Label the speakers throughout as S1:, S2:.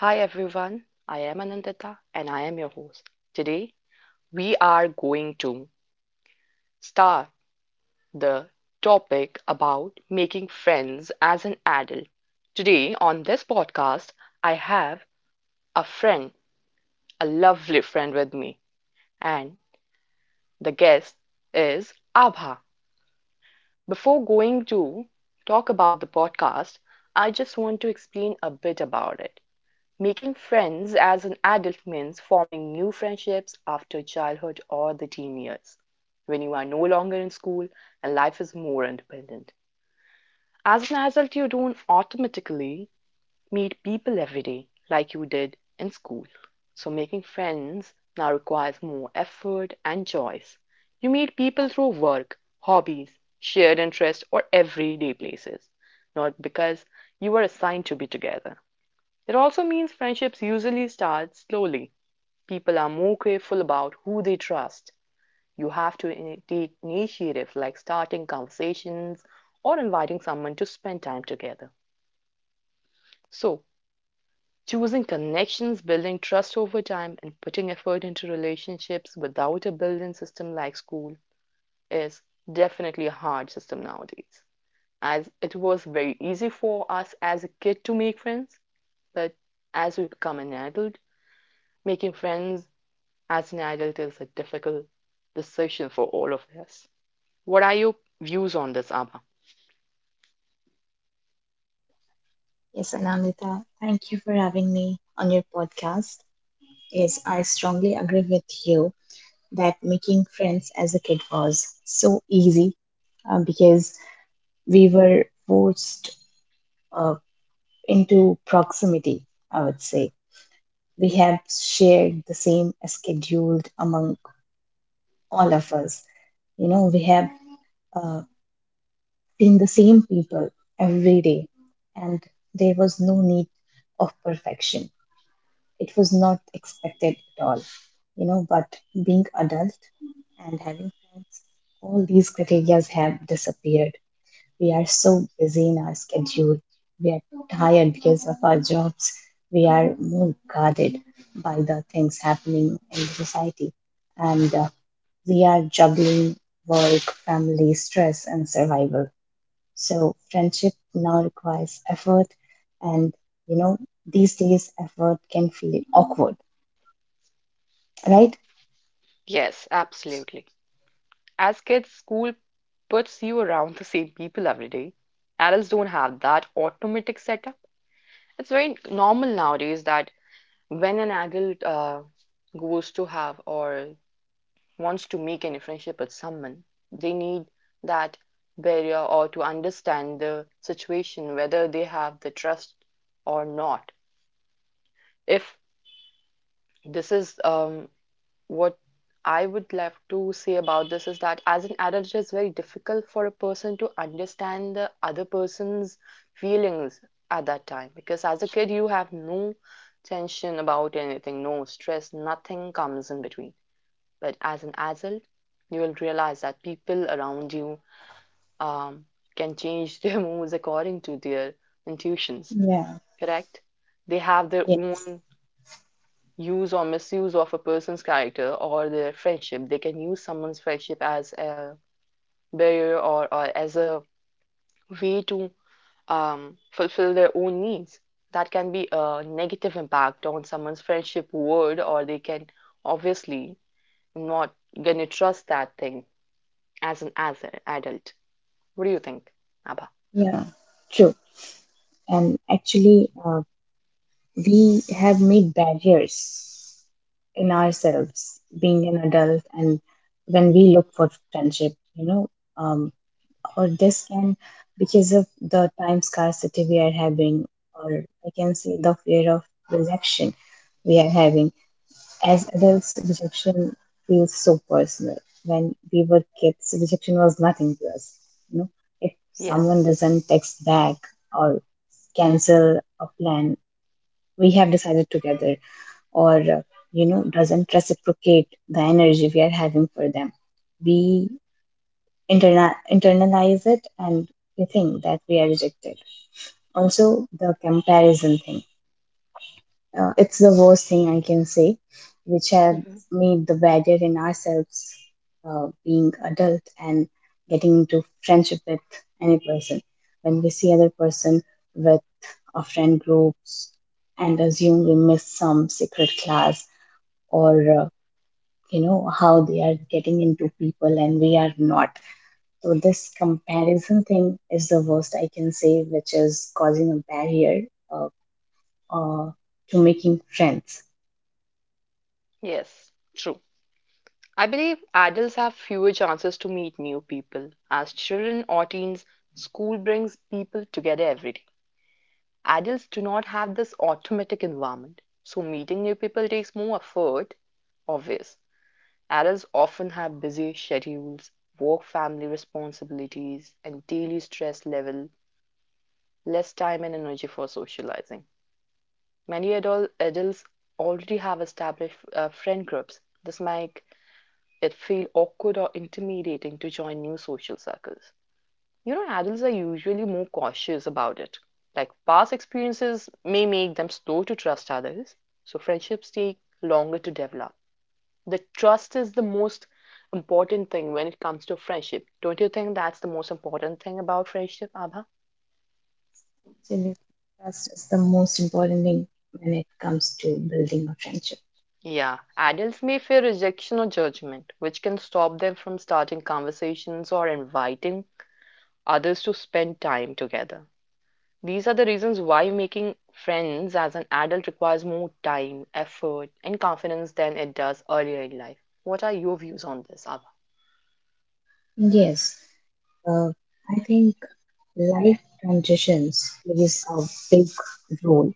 S1: Hi everyone, I am Anandita and I am your host. Today we are going to start the topic about making friends as an adult. Today on this podcast, I have a friend, a lovely friend with me, and the guest is Abha. Before going to talk about the podcast, I just want to explain a bit about it. Making friends as an adult means forming new friendships after childhood or the teen years, when you are no longer in school and life is more independent. As an adult, you don't automatically meet people every day like you did in school. So, making friends now requires more effort and choice. You meet people through work, hobbies, shared interests, or everyday places, not because you were assigned to be together. It also means friendships usually start slowly. People are more careful about who they trust. You have to take initiative, like starting conversations or inviting someone to spend time together. So, choosing connections, building trust over time, and putting effort into relationships without a built in system like school is definitely a hard system nowadays. As it was very easy for us as a kid to make friends, but as we become an adult, making friends as an adult is a difficult decision for all of us. What are your views on this, Abha?
S2: Yes, Anamita, thank you for having me on your podcast. Yes, I strongly agree with you that making friends as a kid was so easy because we were forced uh, into proximity, I would say. We have shared the same schedule among all of us. You know, we have uh, seen the same people every day, and there was no need of perfection, it was not expected at all, you know. But being adult and having friends, all these criteria have disappeared. We are so busy in our schedule, we are tired because of our jobs, we are more guarded by the things happening in the society, and we are juggling work, family, stress and survival. So friendship now requires effort, and you know, these days effort can feel awkward, right?
S1: Yes, absolutely. As kids, school puts you around the same people every day. Adults don't have that automatic setup. It's very normal nowadays that when an adult goes to have or wants to make any friendship with someone, they need that barrier or to understand the situation, whether they have the trust or not. If This is what I would love to say about this is that as an adult, it is very difficult for a person to understand the other person's feelings at that time because as a kid, you have no tension about anything, no stress, nothing comes in between. But as an adult, you will realize that people around you um, can change their moods according to their intuitions,
S2: Yeah.
S1: correct? They have their
S2: Yes,
S1: own use or misuse of a person's character or their friendship. They can use someone's friendship as a barrier, or as a way to fulfill their own needs. That can be a negative impact on someone's friendship word, or they can obviously not gonna trust that thing as an adult. What do you think, Abba?
S2: yeah, true. And actually, we have made barriers in ourselves being an adult, and when we look for friendship, you know, um, or this can, because of the time scarcity we are having, or I can say the fear of rejection we are having. As adults, rejection feels so personal. When we were kids, rejection was nothing to us. You know, if
S1: Yes.
S2: someone doesn't text back or cancel a plan we have decided together, or you know, doesn't reciprocate the energy we are having for them, we internalize it and we think that we are rejected. Also, the comparison thing, uh, it's the worst thing I can say, which have
S1: hmm
S2: made the barrier in ourselves being adult and getting into friendship with any person. When we see other person with our friend groups and assume we miss some secret class, or you know how they are getting into people and we are not. So this comparison thing is the worst I can say, which is causing a barrier uh, uh, to making friends.
S1: Yes. True. I believe adults have fewer chances to meet new people. As children or teens, school brings people together every day. Adults do not have this automatic environment, so meeting new people takes more effort, obvious. Adults often have busy schedules, work family responsibilities, and daily stress level, less time and energy for socializing. Many adults already have established friend groups. This might it feel awkward or intimidating to join new social circles. You know, adults are usually more cautious about it. Like past experiences may make them slow to trust others, so friendships take longer to develop. The trust is the most important thing when it comes to friendship. Don't you think that's the most important thing about friendship, Abha?
S2: Genuine trust is the most important thing when it comes to building a friendship.
S1: Yeah, adults may fear rejection or judgment, which can stop them from starting conversations or inviting others to spend time together. These are the reasons why making friends as an adult requires more time, effort, and confidence than it does earlier in life. What are your views on this, Abha?
S2: Yes. Uh, I think life transitions plays a big role.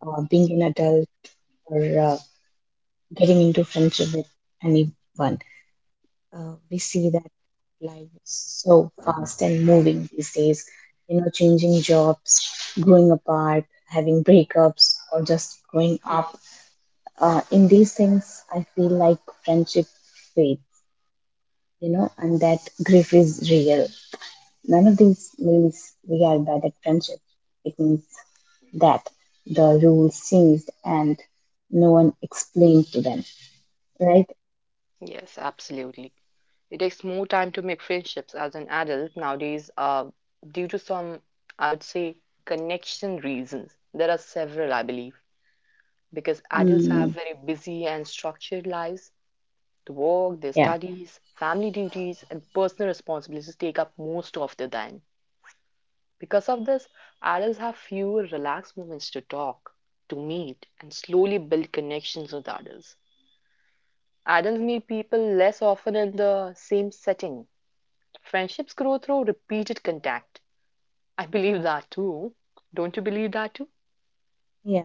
S2: Being an adult or uh, getting into friendship with anyone, we see that life is so fast and moving these days. You know, changing jobs, growing apart, having breakups, or just growing
S1: Hmm.
S2: up, in these things, I feel like friendship fades, you know, and that grief is real. None of these means we are bad at friendship. It means that the rules changed and no one explained to them, right?
S1: Yes, absolutely. It takes more time to make friendships as an adult nowadays, due to some, I would say, connection reasons. There are several, I believe, because adults have
S2: Mm,
S1: very busy and structured lives. The work, their
S2: yeah.
S1: studies, family duties, and personal responsibilities take up most of their time. Because of this, adults have fewer relaxed moments to talk, to meet, and slowly build connections with others. Adults meet people less often in the same setting. Friendships grow through repeated contact. I believe that too. Don't you believe that too?
S2: Yeah,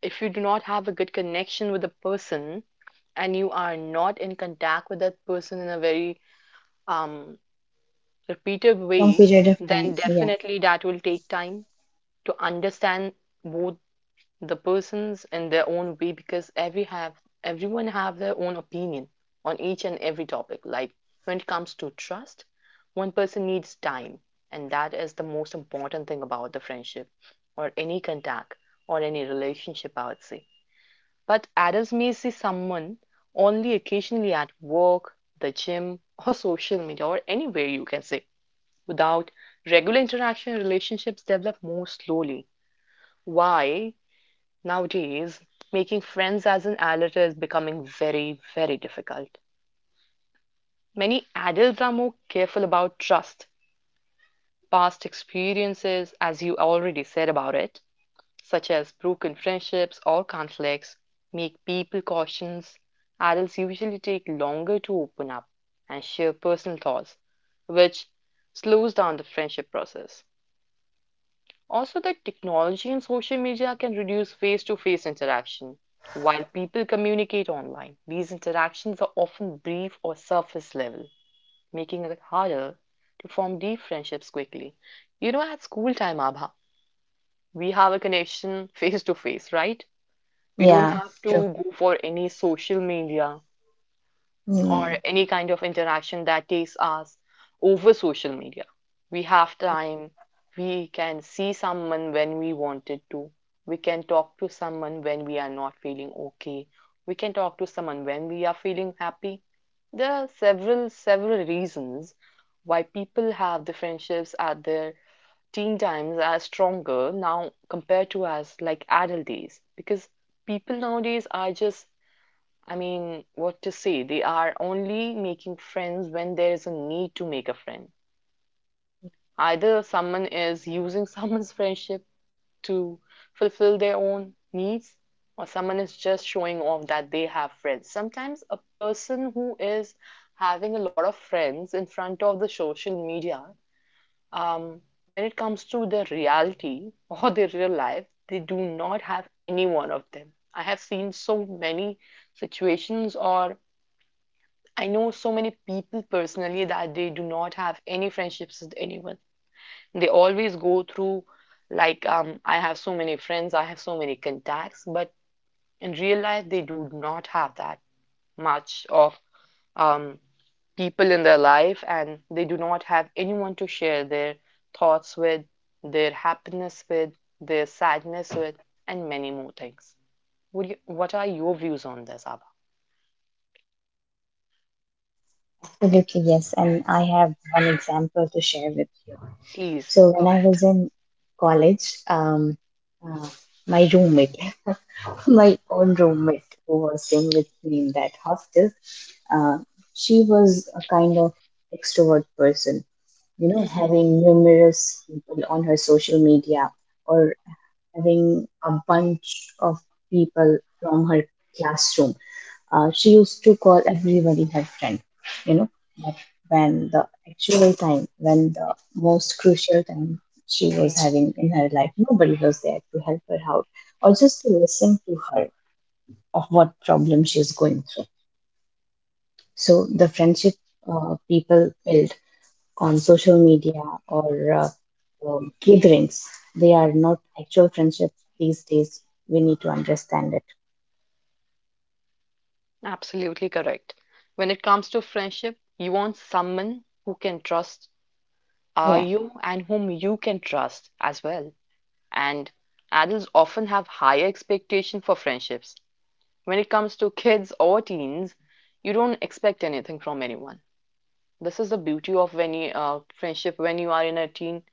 S1: If you do not have a good connection with a person and you are not in contact with that person in a very um, repetitive
S2: long
S1: way,
S2: period of time.
S1: then
S2: Yeah,
S1: definitely that will take time to understand both the persons in their own way because everyone have their own opinion on each and every topic. Like when it comes to trust, one person needs time, and that is the most important thing about the friendship or any contact or any relationship, I would say. But adults may see someone only occasionally at work, the gym, or social media, or anywhere you can say. Without regular interaction, relationships develop more slowly. Why? Nowadays, making friends as an adult is becoming very, very difficult. Many adults are more careful about trust. Past experiences, as you already said about it, such as broken friendships or conflicts, make people cautious. Adults usually take longer to open up and share personal thoughts, which slows down the friendship process. Also, that technology and social media can reduce face to face interaction. While people communicate online, these interactions are often brief or surface level, making it harder to form deep friendships quickly. You know, at school time, Abha, we have a connection face to face, right? We don't
S2: yeah,
S1: have
S2: true.
S1: to go for any social media or
S2: Mm,
S1: any kind of interaction that takes us over social media. We have time, we can see someone when we wanted to, we can talk to someone when we are not feeling okay, we can talk to someone when we are feeling happy. There are several reasons why people have the friendships at their teen times are stronger now compared to us like adult days, because people nowadays are just, I mean, what to say? They are only making friends when there is a need to make a friend. Either someone is using someone's friendship to fulfill their own needs, or someone is just showing off that they have friends. Sometimes a person who is having a lot of friends in front of the social media, um, when it comes to their reality or their real life, they do not have any one of them. I have seen so many situations, or I know so many people personally that they do not have any friendships with anyone. They always go through like, I have so many friends, I have so many contacts, but in real life they do not have that much of um, people in their life, and they do not have anyone to share their thoughts with, their happiness with, their sadness with, and many more things. What are your views on this, Abba?
S2: absolutely, yes. And I have one example to share with you.
S1: Please
S2: So
S1: go
S2: when I
S1: ahead.
S2: was in college, uh, my roommate. My own roommate who was staying with me in that hostel. Uh, she was a kind of extrovert person, you know,
S1: Mhm.
S2: having numerous people on her social media or having a bunch of people from her classroom. She used to call everybody her friend, you know, but when the actual time, when the most crucial time she
S1: Okay.
S2: was having in her life, nobody was there to help her out or just to listen to her of what problem she is going through. So the friendship people build on social media or gatherings, they are not actual friendship these days. We need to understand it.
S1: Absolutely correct. When it comes to friendship, you want someone who can trust
S2: Yeah.
S1: you and whom you can trust as well. And adults often have higher expectation for friendships. When it comes to kids or teens, you don't expect anything from anyone. This is the beauty of when you, friendship when you are in a teen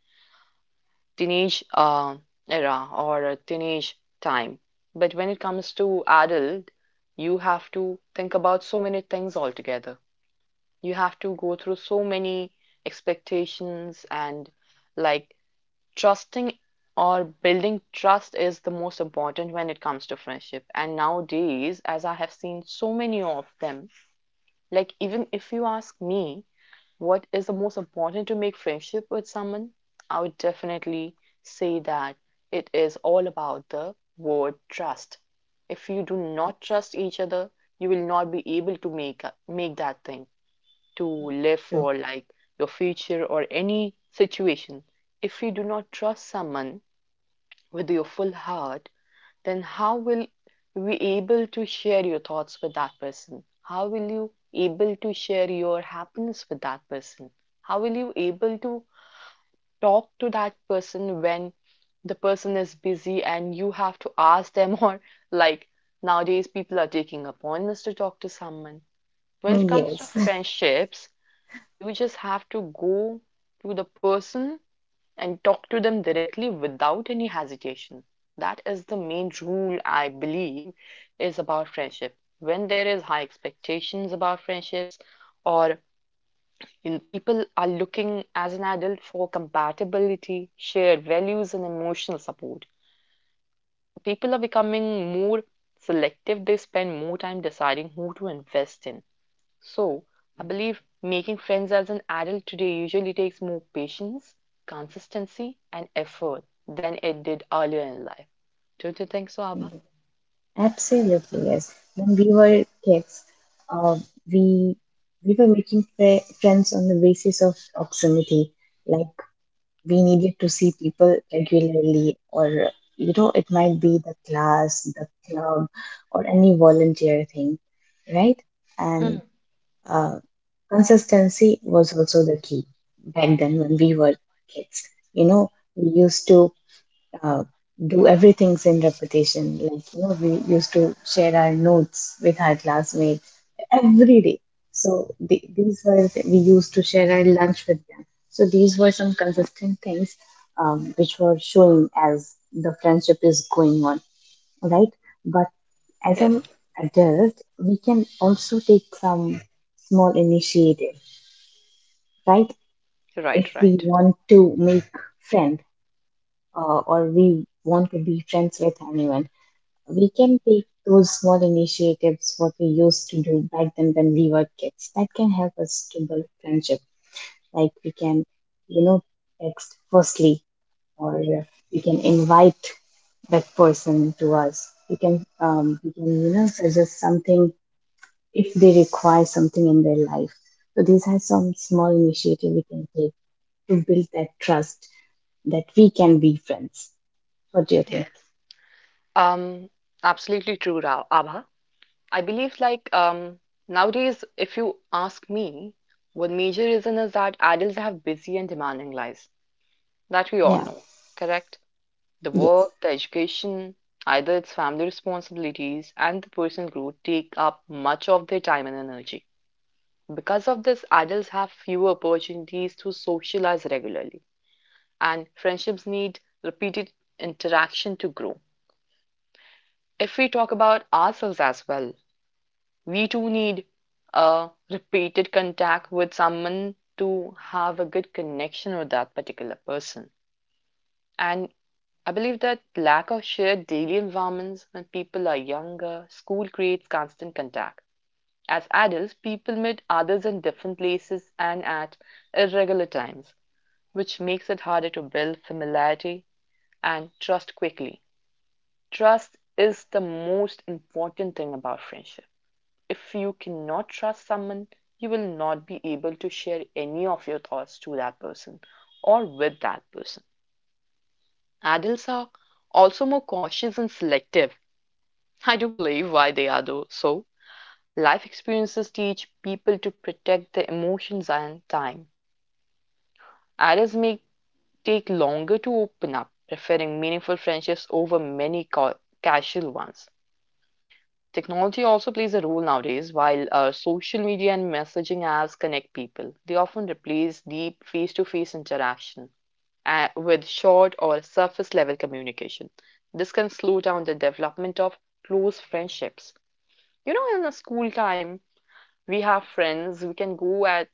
S1: teenage uh, era or a teenage time. But when it comes to adult, you have to think about so many things altogether. You have to go through so many expectations, and like trusting or building trust is the most important when it comes to friendship. And nowadays, as I have seen so many of them, like even if you ask me what is the most important to make friendship with someone, I would definitely say that it is all about the word trust. If you do not trust each other, you will not be able to make that thing to
S2: Mm,
S1: live
S2: true.
S1: for, like your future or any situation. If you do not trust someone with your full heart, then how will you be able to share your thoughts with that person? How will you able to share your happiness with that person? How will you able to talk to that person when the person is busy and you have to ask them, or like nowadays people are taking appointments to talk to someone. When it
S2: Mm,
S1: comes to
S2: yes.
S1: friendships, you just have to go to the person and talk to them directly without any hesitation. That is the main rule, I believe, is about friendship. When there is high expectations about friendships, or in people are looking as an adult for compatibility, shared values and emotional support, people are becoming more selective. They spend more time deciding who to invest in. So, I believe making friends as an adult today usually takes more patience, consistency, and effort than it did earlier in life. Don't you think so, Abha?
S2: Mm, absolutely yes. When we were kids, uh, we we were making friends on the basis of proximity. Like, we needed to see people regularly, or you know, it might be the class, the club, or any volunteer thing, right? And
S1: Hmm.
S2: uh, consistency was also the key back then when we were kids. You know, we used to uh, do everything in repetition. Like, you know, we used to share our notes with our classmates every day. So the these were the- we used to share our lunch with them. So these were some consistent things, which were showing as the friendship is going on, right? But as an
S1: Yes,
S2: adult, we can also take some small initiative, right? If
S1: right,
S2: we
S1: right.
S2: want to make friend, or we want to be friends with anyone, we can take those small initiatives what we used to do back then when we were kids, that can help us to build friendship. Like, we can, you know, text firstly, or we can invite that person to us. We can, we can, you know, suggest something if they require something in their life. So these are some small initiative we can take to build that trust that we can be friends. What do you think?
S1: Yes. Um, Absolutely true, Abha. I believe like nowadays, if you ask me, one major reason is that adults have busy and demanding lives that we all
S2: Yeah.
S1: know, correct? The
S2: Yes.
S1: work, the education, either its family responsibilities, and the personal growth take up much of their time and energy. Because of this, adults have fewer opportunities to socialize regularly, and friendships need repeated interaction to grow. If we talk about ourselves as well, we too need a repeated contact with someone to have a good connection with that particular person. And I believe that lack of shared daily environments when people are younger, school creates constant contact. As adults, people meet others in different places and at irregular times, which makes it harder to build familiarity and trust quickly. Trust is the most important thing about friendship. If you cannot trust someone, you will not be able to share any of your thoughts to that person or with that person. Adults are also more cautious and selective. I do believe why they are though. So, life experiences teach people to protect their emotions and time. Adults may take longer to open up, preferring meaningful friendships over many casual ones. Technology also plays a role nowadays. While social media and messaging apps connect people, they often replace deep face to face interaction with short or surface-level communication. This can slow down the development of close friendships. You know, in the school time, we have friends, we can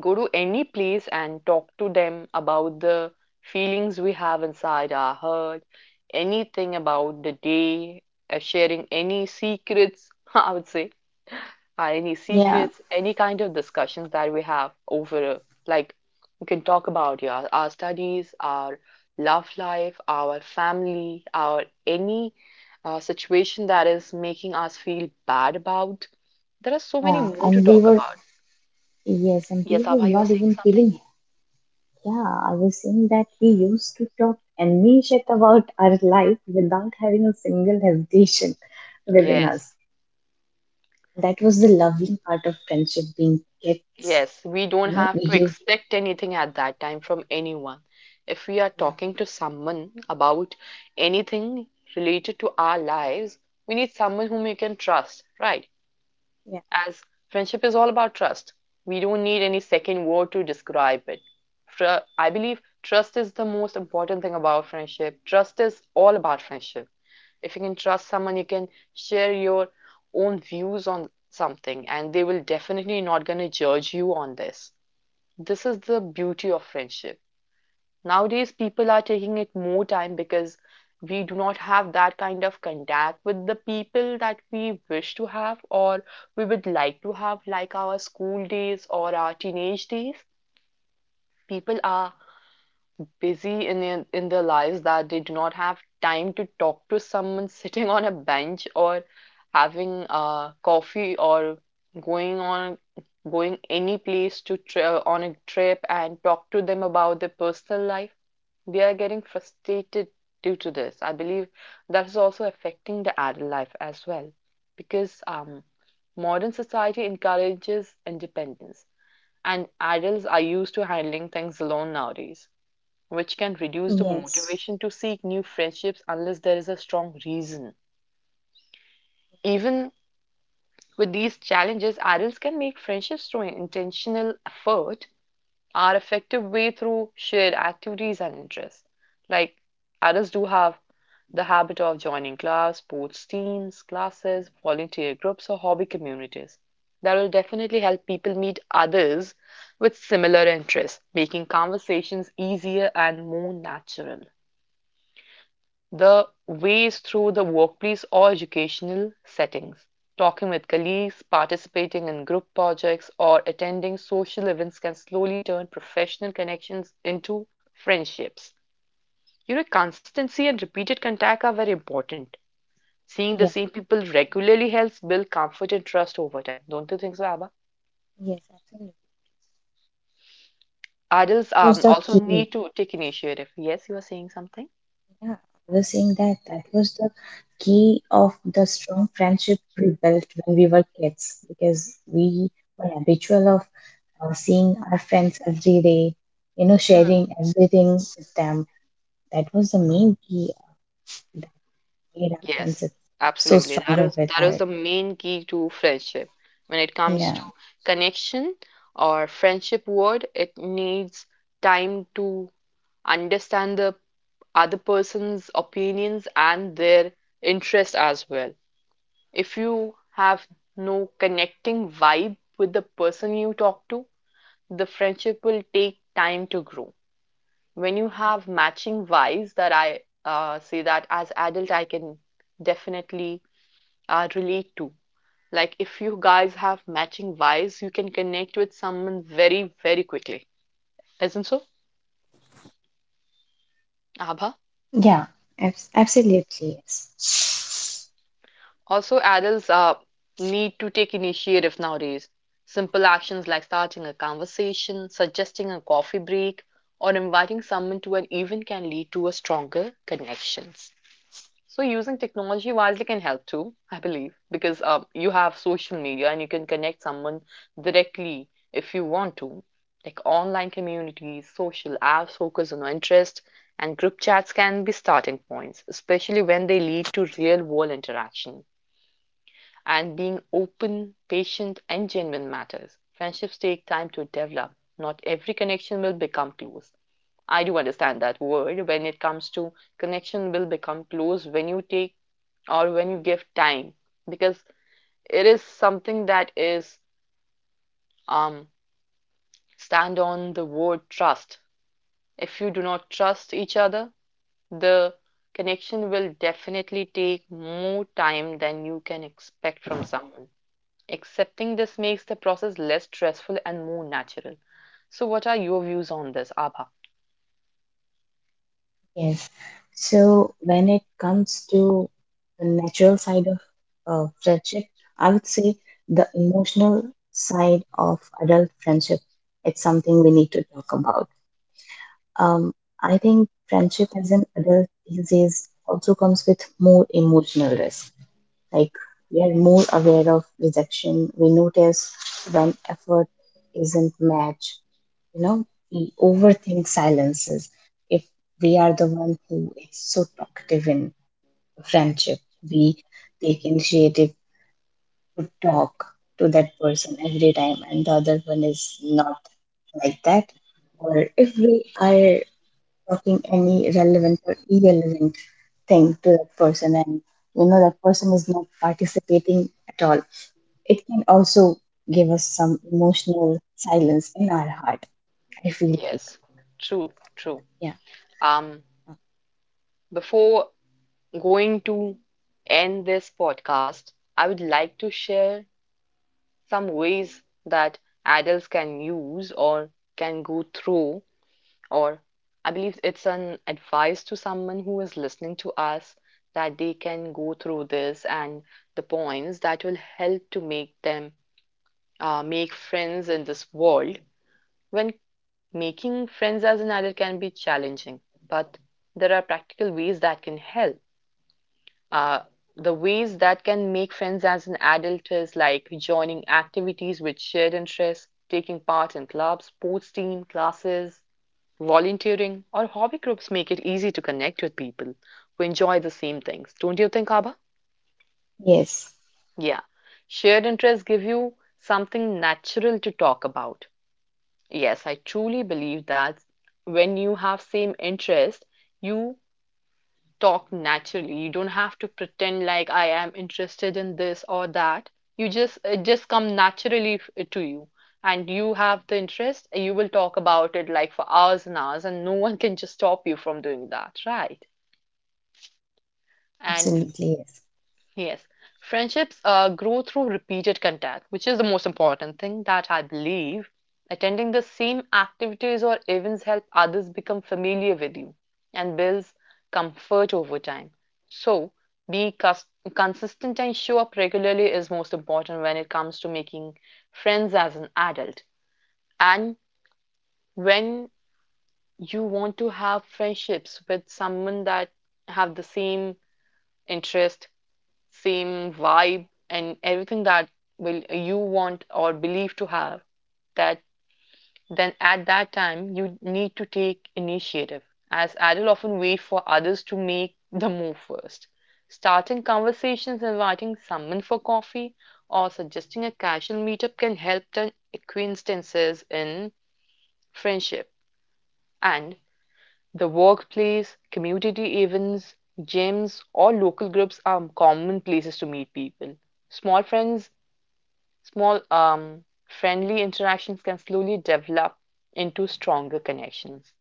S1: go to any place and talk to them about the feelings we have inside our heart, anything about the day, sharing any secrets, I would say, or any
S2: Yeah.
S1: secrets, any kind of discussions that we have over, like, we can talk about, yeah, our studies, our love life, our family, our any situation that is making us feel bad about. There are so many
S2: Yeah,
S1: more to
S2: and we
S1: talk
S2: were.
S1: about.
S2: Yes, and
S1: Yes,
S2: people
S1: Abha, you are
S2: not
S1: saying
S2: even
S1: something?
S2: feeling. Yeah, I was saying that we used to talk any shit about our life without having a single hesitation within us.
S1: Yes.
S2: That was the lovely part of friendship being kids.
S1: Yes, we don't
S2: You know,
S1: have to
S2: you.
S1: expect anything at that time from anyone. If we are
S2: Yeah.
S1: talking to someone about anything related to our lives, we need someone whom we can trust, right?
S2: Yeah.
S1: As friendship is all about trust, we don't need any second word to describe it. I believe trust is the most important thing about friendship. Trust is all about friendship. If you can trust someone, you can share your own views on something, and they will definitely not gonna judge you on this. This is the beauty of friendship. Nowadays, people are taking it more time because we do not have that kind of contact with the people that we wish to have or we would like to have, like our school days or our teenage days. People are busy in their lives that they do not have time to talk to someone sitting on a bench or having coffee or going on going any place to on a trip and talk to them about their personal life. They are getting frustrated due to this. I believe that is also affecting the adult life as well because modern society encourages independence and adults are used to handling things alone nowadays, which can reduce the
S2: Yes.
S1: motivation to seek new friendships unless there is a strong reason. Even with these challenges, adults can make friendships through intentional effort, our effective way through shared activities and interests. Like adults do have the habit of joining clubs, sports teams, classes, volunteer groups, or hobby communities. That will definitely help people meet others with similar interests, making conversations easier and more natural. The ways through the workplace or educational settings, talking with colleagues, participating in group projects, or attending social events can slowly turn professional connections into friendships. You know, consistency and repeated contact are very important. Seeing the
S2: Yeah.
S1: same people regularly helps build comfort and trust over time. Don't you think so, Abba?
S2: Yes, absolutely.
S1: Adults
S2: Was the
S1: also
S2: key.
S1: need to take initiative. Yes, you are saying something?
S2: Yeah, I was saying that that was the key of the strong friendship we built when we were kids, because we were habitual of seeing our friends every day, you know, sharing everything with them. That was the main key that made our friendship
S1: Yes,
S2: so
S1: absolutely. That
S2: stronger
S1: is
S2: with
S1: that is
S2: our.
S1: the main key to friendship. When it comes to
S2: Yeah.
S1: connection or friendship word, it needs time to understand the other person's opinions and their interest as well. If you have no connecting vibe with the person you talk to, the friendship will take time to grow. When you have matching vibes that I say that as adult, I can definitely relate to. Like if you guys have matching vibes, you can connect with someone very, very quickly. Isn't so, Abha? Also, adults need to take initiative nowadays. Simple actions like starting a conversation, suggesting a coffee break, or inviting someone to an event can lead to a stronger connections. So using technology wisely can help too, I believe, because you have social media and you can connect someone directly if you want to. Like online communities, social apps focus on interest, and group chats can be starting points, especially when they lead to real world interaction. And being open, patient, and genuine matters. Friendships take time to develop. Not every connection will become close. I do understand that word when it comes to connection will become close when you take or when you give time because it is something that is um stand on the word trust. If you do not trust each other, the connection will definitely take more time than you can expect from someone. Accepting this makes the process less stressful and more natural. So, what are your views on this, Abha?
S2: Yes. So when it comes to the natural side of friendship, I would say the emotional side of adult friendship, it's something we need to talk about. Um, I think friendship as an adult these days also comes with more emotional risk. Like, we are more aware of rejection. We notice when effort isn't matched, you know. We overthink silences if we are the one who is so talkative in friendship. We take initiative to talk to that person every time and the other one is not like that. Or if we are talking any relevant or irrelevant thing to that person, and you know that person is not participating at all, it can also give us some emotional silence in our heart, I feel like.
S1: Yes, true, true.
S2: Yeah.
S1: Um, Before going to end this podcast, I would like to share some ways that adults can use or can go through, or I believe it's an advice to someone who is listening to us that they can go through this and the points that will help to make them make friends in this world. When making friends as an adult can be challenging, but there are practical ways that can help. Uh, the ways that can make friends as an adult is like joining activities with shared interests, taking part in clubs, sports team, classes, volunteering, or hobby groups make it easy to connect with people who enjoy the same things. Don't you think, Abba?
S2: Yes,
S1: Yeah. Shared interests give you something natural to talk about. Yes, I truly believe that when you have same interest, you talk naturally. You don't have to pretend like I am interested in this or that. You just it just come naturally to you. And you have the interest, you will talk about it like for hours and hours, and no one can just stop you from doing that, right? And
S2: absolutely. Yes.
S1: yes, friendships grow through repeated contact, which is the most important thing that I believe. Attending the same activities or events help others become familiar with you and builds comfort over time. So, be cus- consistent and show up regularly is most important when it comes to making friends as an adult. And when you want to have friendships with someone that have the same interest, same vibe and everything that will you want or believe to have, that then at that time you need to take initiative, as adults often wait for others to make the move first, starting conversations, inviting someone for coffee or suggesting a casual meetup can help turn acquaintances in friendship, and the workplace, community events, gyms, or local groups are common places to meet people. Small friends, small friendly interactions can slowly develop into stronger connections.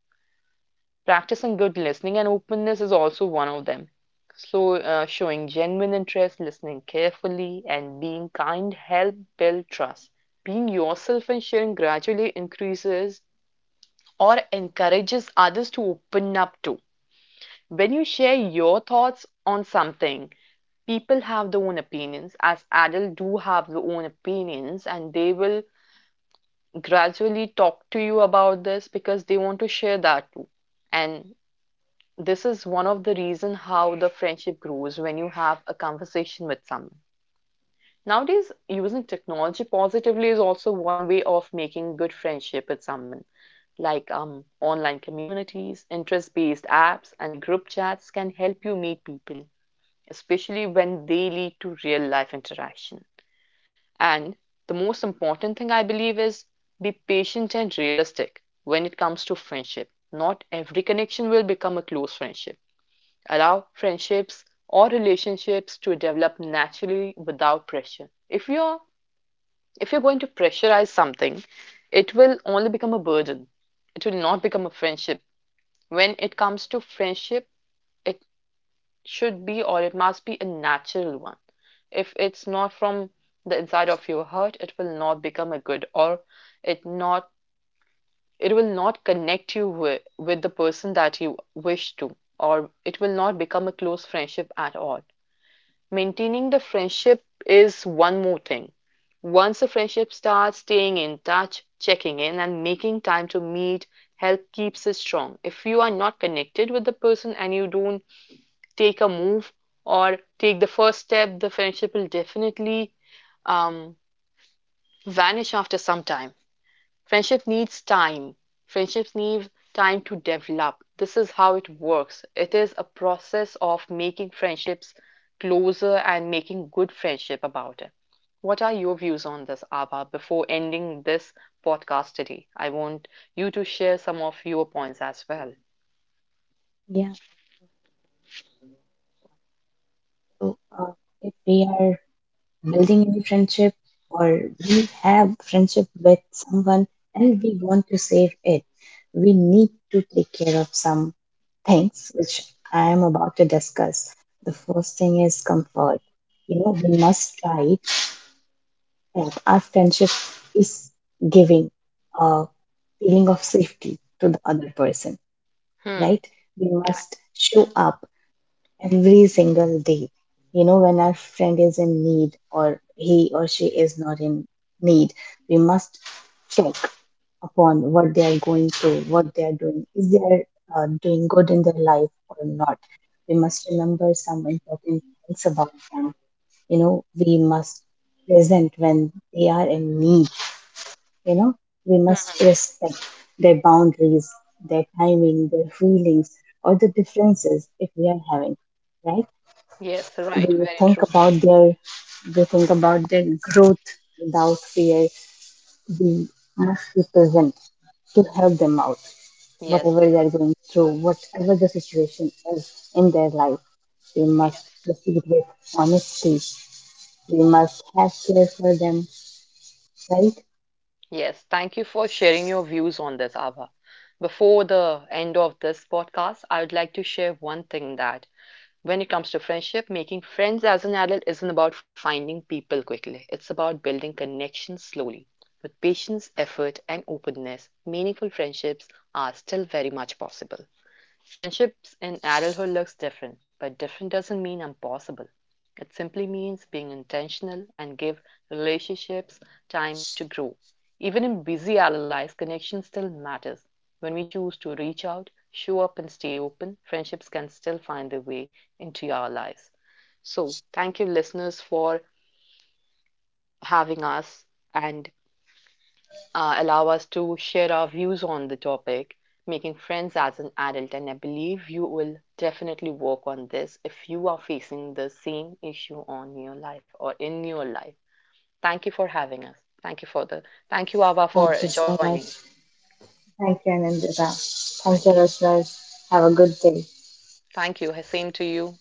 S1: Practicing good listening and openness is also one of them. So, showing genuine interest, listening carefully, and being kind help build trust. Being yourself and sharing gradually increases or encourages others to open up to. When you share your thoughts on something, people have their own opinions, as adults do have their own opinions, and they will gradually talk to you about this because they want to share that too. And this is one of the reason how the friendship grows when you have a conversation with someone. Nowadays, using technology positively is also one way of making good friendship with someone. Like online communities, interest based apps, and group chats can help you meet people, especially when they lead to real life interaction. And the most important thing I believe is be patient and realistic when it comes to friendship. Not every connection will become a close friendship. Allow friendships or relationships to develop naturally without pressure. If you're going to pressurize something, it will only become a burden. It will not become a friendship. When it comes to friendship, it should be or it must be a natural one. If it's not from the inside of your heart, it will not become a good or it not it will not connect you with the person that you wish to, or it will not become a close friendship at all. Maintaining the friendship is one more thing. Once a friendship starts, staying in touch, checking in, and making time to meet help keeps it strong. If you are not connected with the person and you don't take a move or take the first step, the friendship will definitely um, vanish after some time. Friendship needs time. Friendships need time to develop. This is how it works. It is a process of making friendships closer and making good friendship about it. What are your views on this, Abha, before ending this podcast today? I want you to share some of your points as well.
S2: Yeah. So, if we are building any friendship or we have friendship with someone and we want to save it, we need to take care of some things which I am about to discuss. The first thing is comfort. You know, we must try that our friendship is giving a feeling of safety to the other person,
S1: Hmm.
S2: right? We
S1: Right.
S2: must show up every single day. You know, when our friend is in need or he or she is not in need, we must check upon what they are going through, what they are doing, is they are doing good in their life or not. We must remember some important things about them. You know, we must present when they are in need. You know, we must
S1: Hmm.
S2: respect their boundaries, their timing, their feelings, or the differences if we are having, right?
S1: Yes, right.
S2: we
S1: Very
S2: think
S1: true.
S2: about their we think about their growth without fear. We must be present to help them out,
S1: Yes.
S2: whatever they are going through, whatever the situation is in their life. We must
S1: Yes.
S2: proceed with honesty. We must have care for them, right?
S1: Yes, thank you for sharing your views on this, Abha. Before the end of this podcast, I would like to share one thing that when it comes to friendship, making friends as an adult isn't about finding people quickly. It's about building connections slowly. With patience, effort, and openness, meaningful friendships are still very much possible. Friendships in adulthood looks different, but different doesn't mean impossible. It simply means being intentional and give relationships time to grow. Even in busy adult lives, connection still matters. When we choose to reach out, show up and stay open, friendships can still find their way into our lives. So, thank you listeners for having us and allow us to share our views on the topic, making friends as an adult. And I believe you will definitely work on this if you are facing the same issue on your life or in your life. Thank you for having us. Thank you, Ava, for
S2: Thank you so
S1: joining.
S2: much. Thank you, Anandita. Thank you,
S1: Thank you.
S2: listeners. Have a good day.
S1: Thank you. Same to you.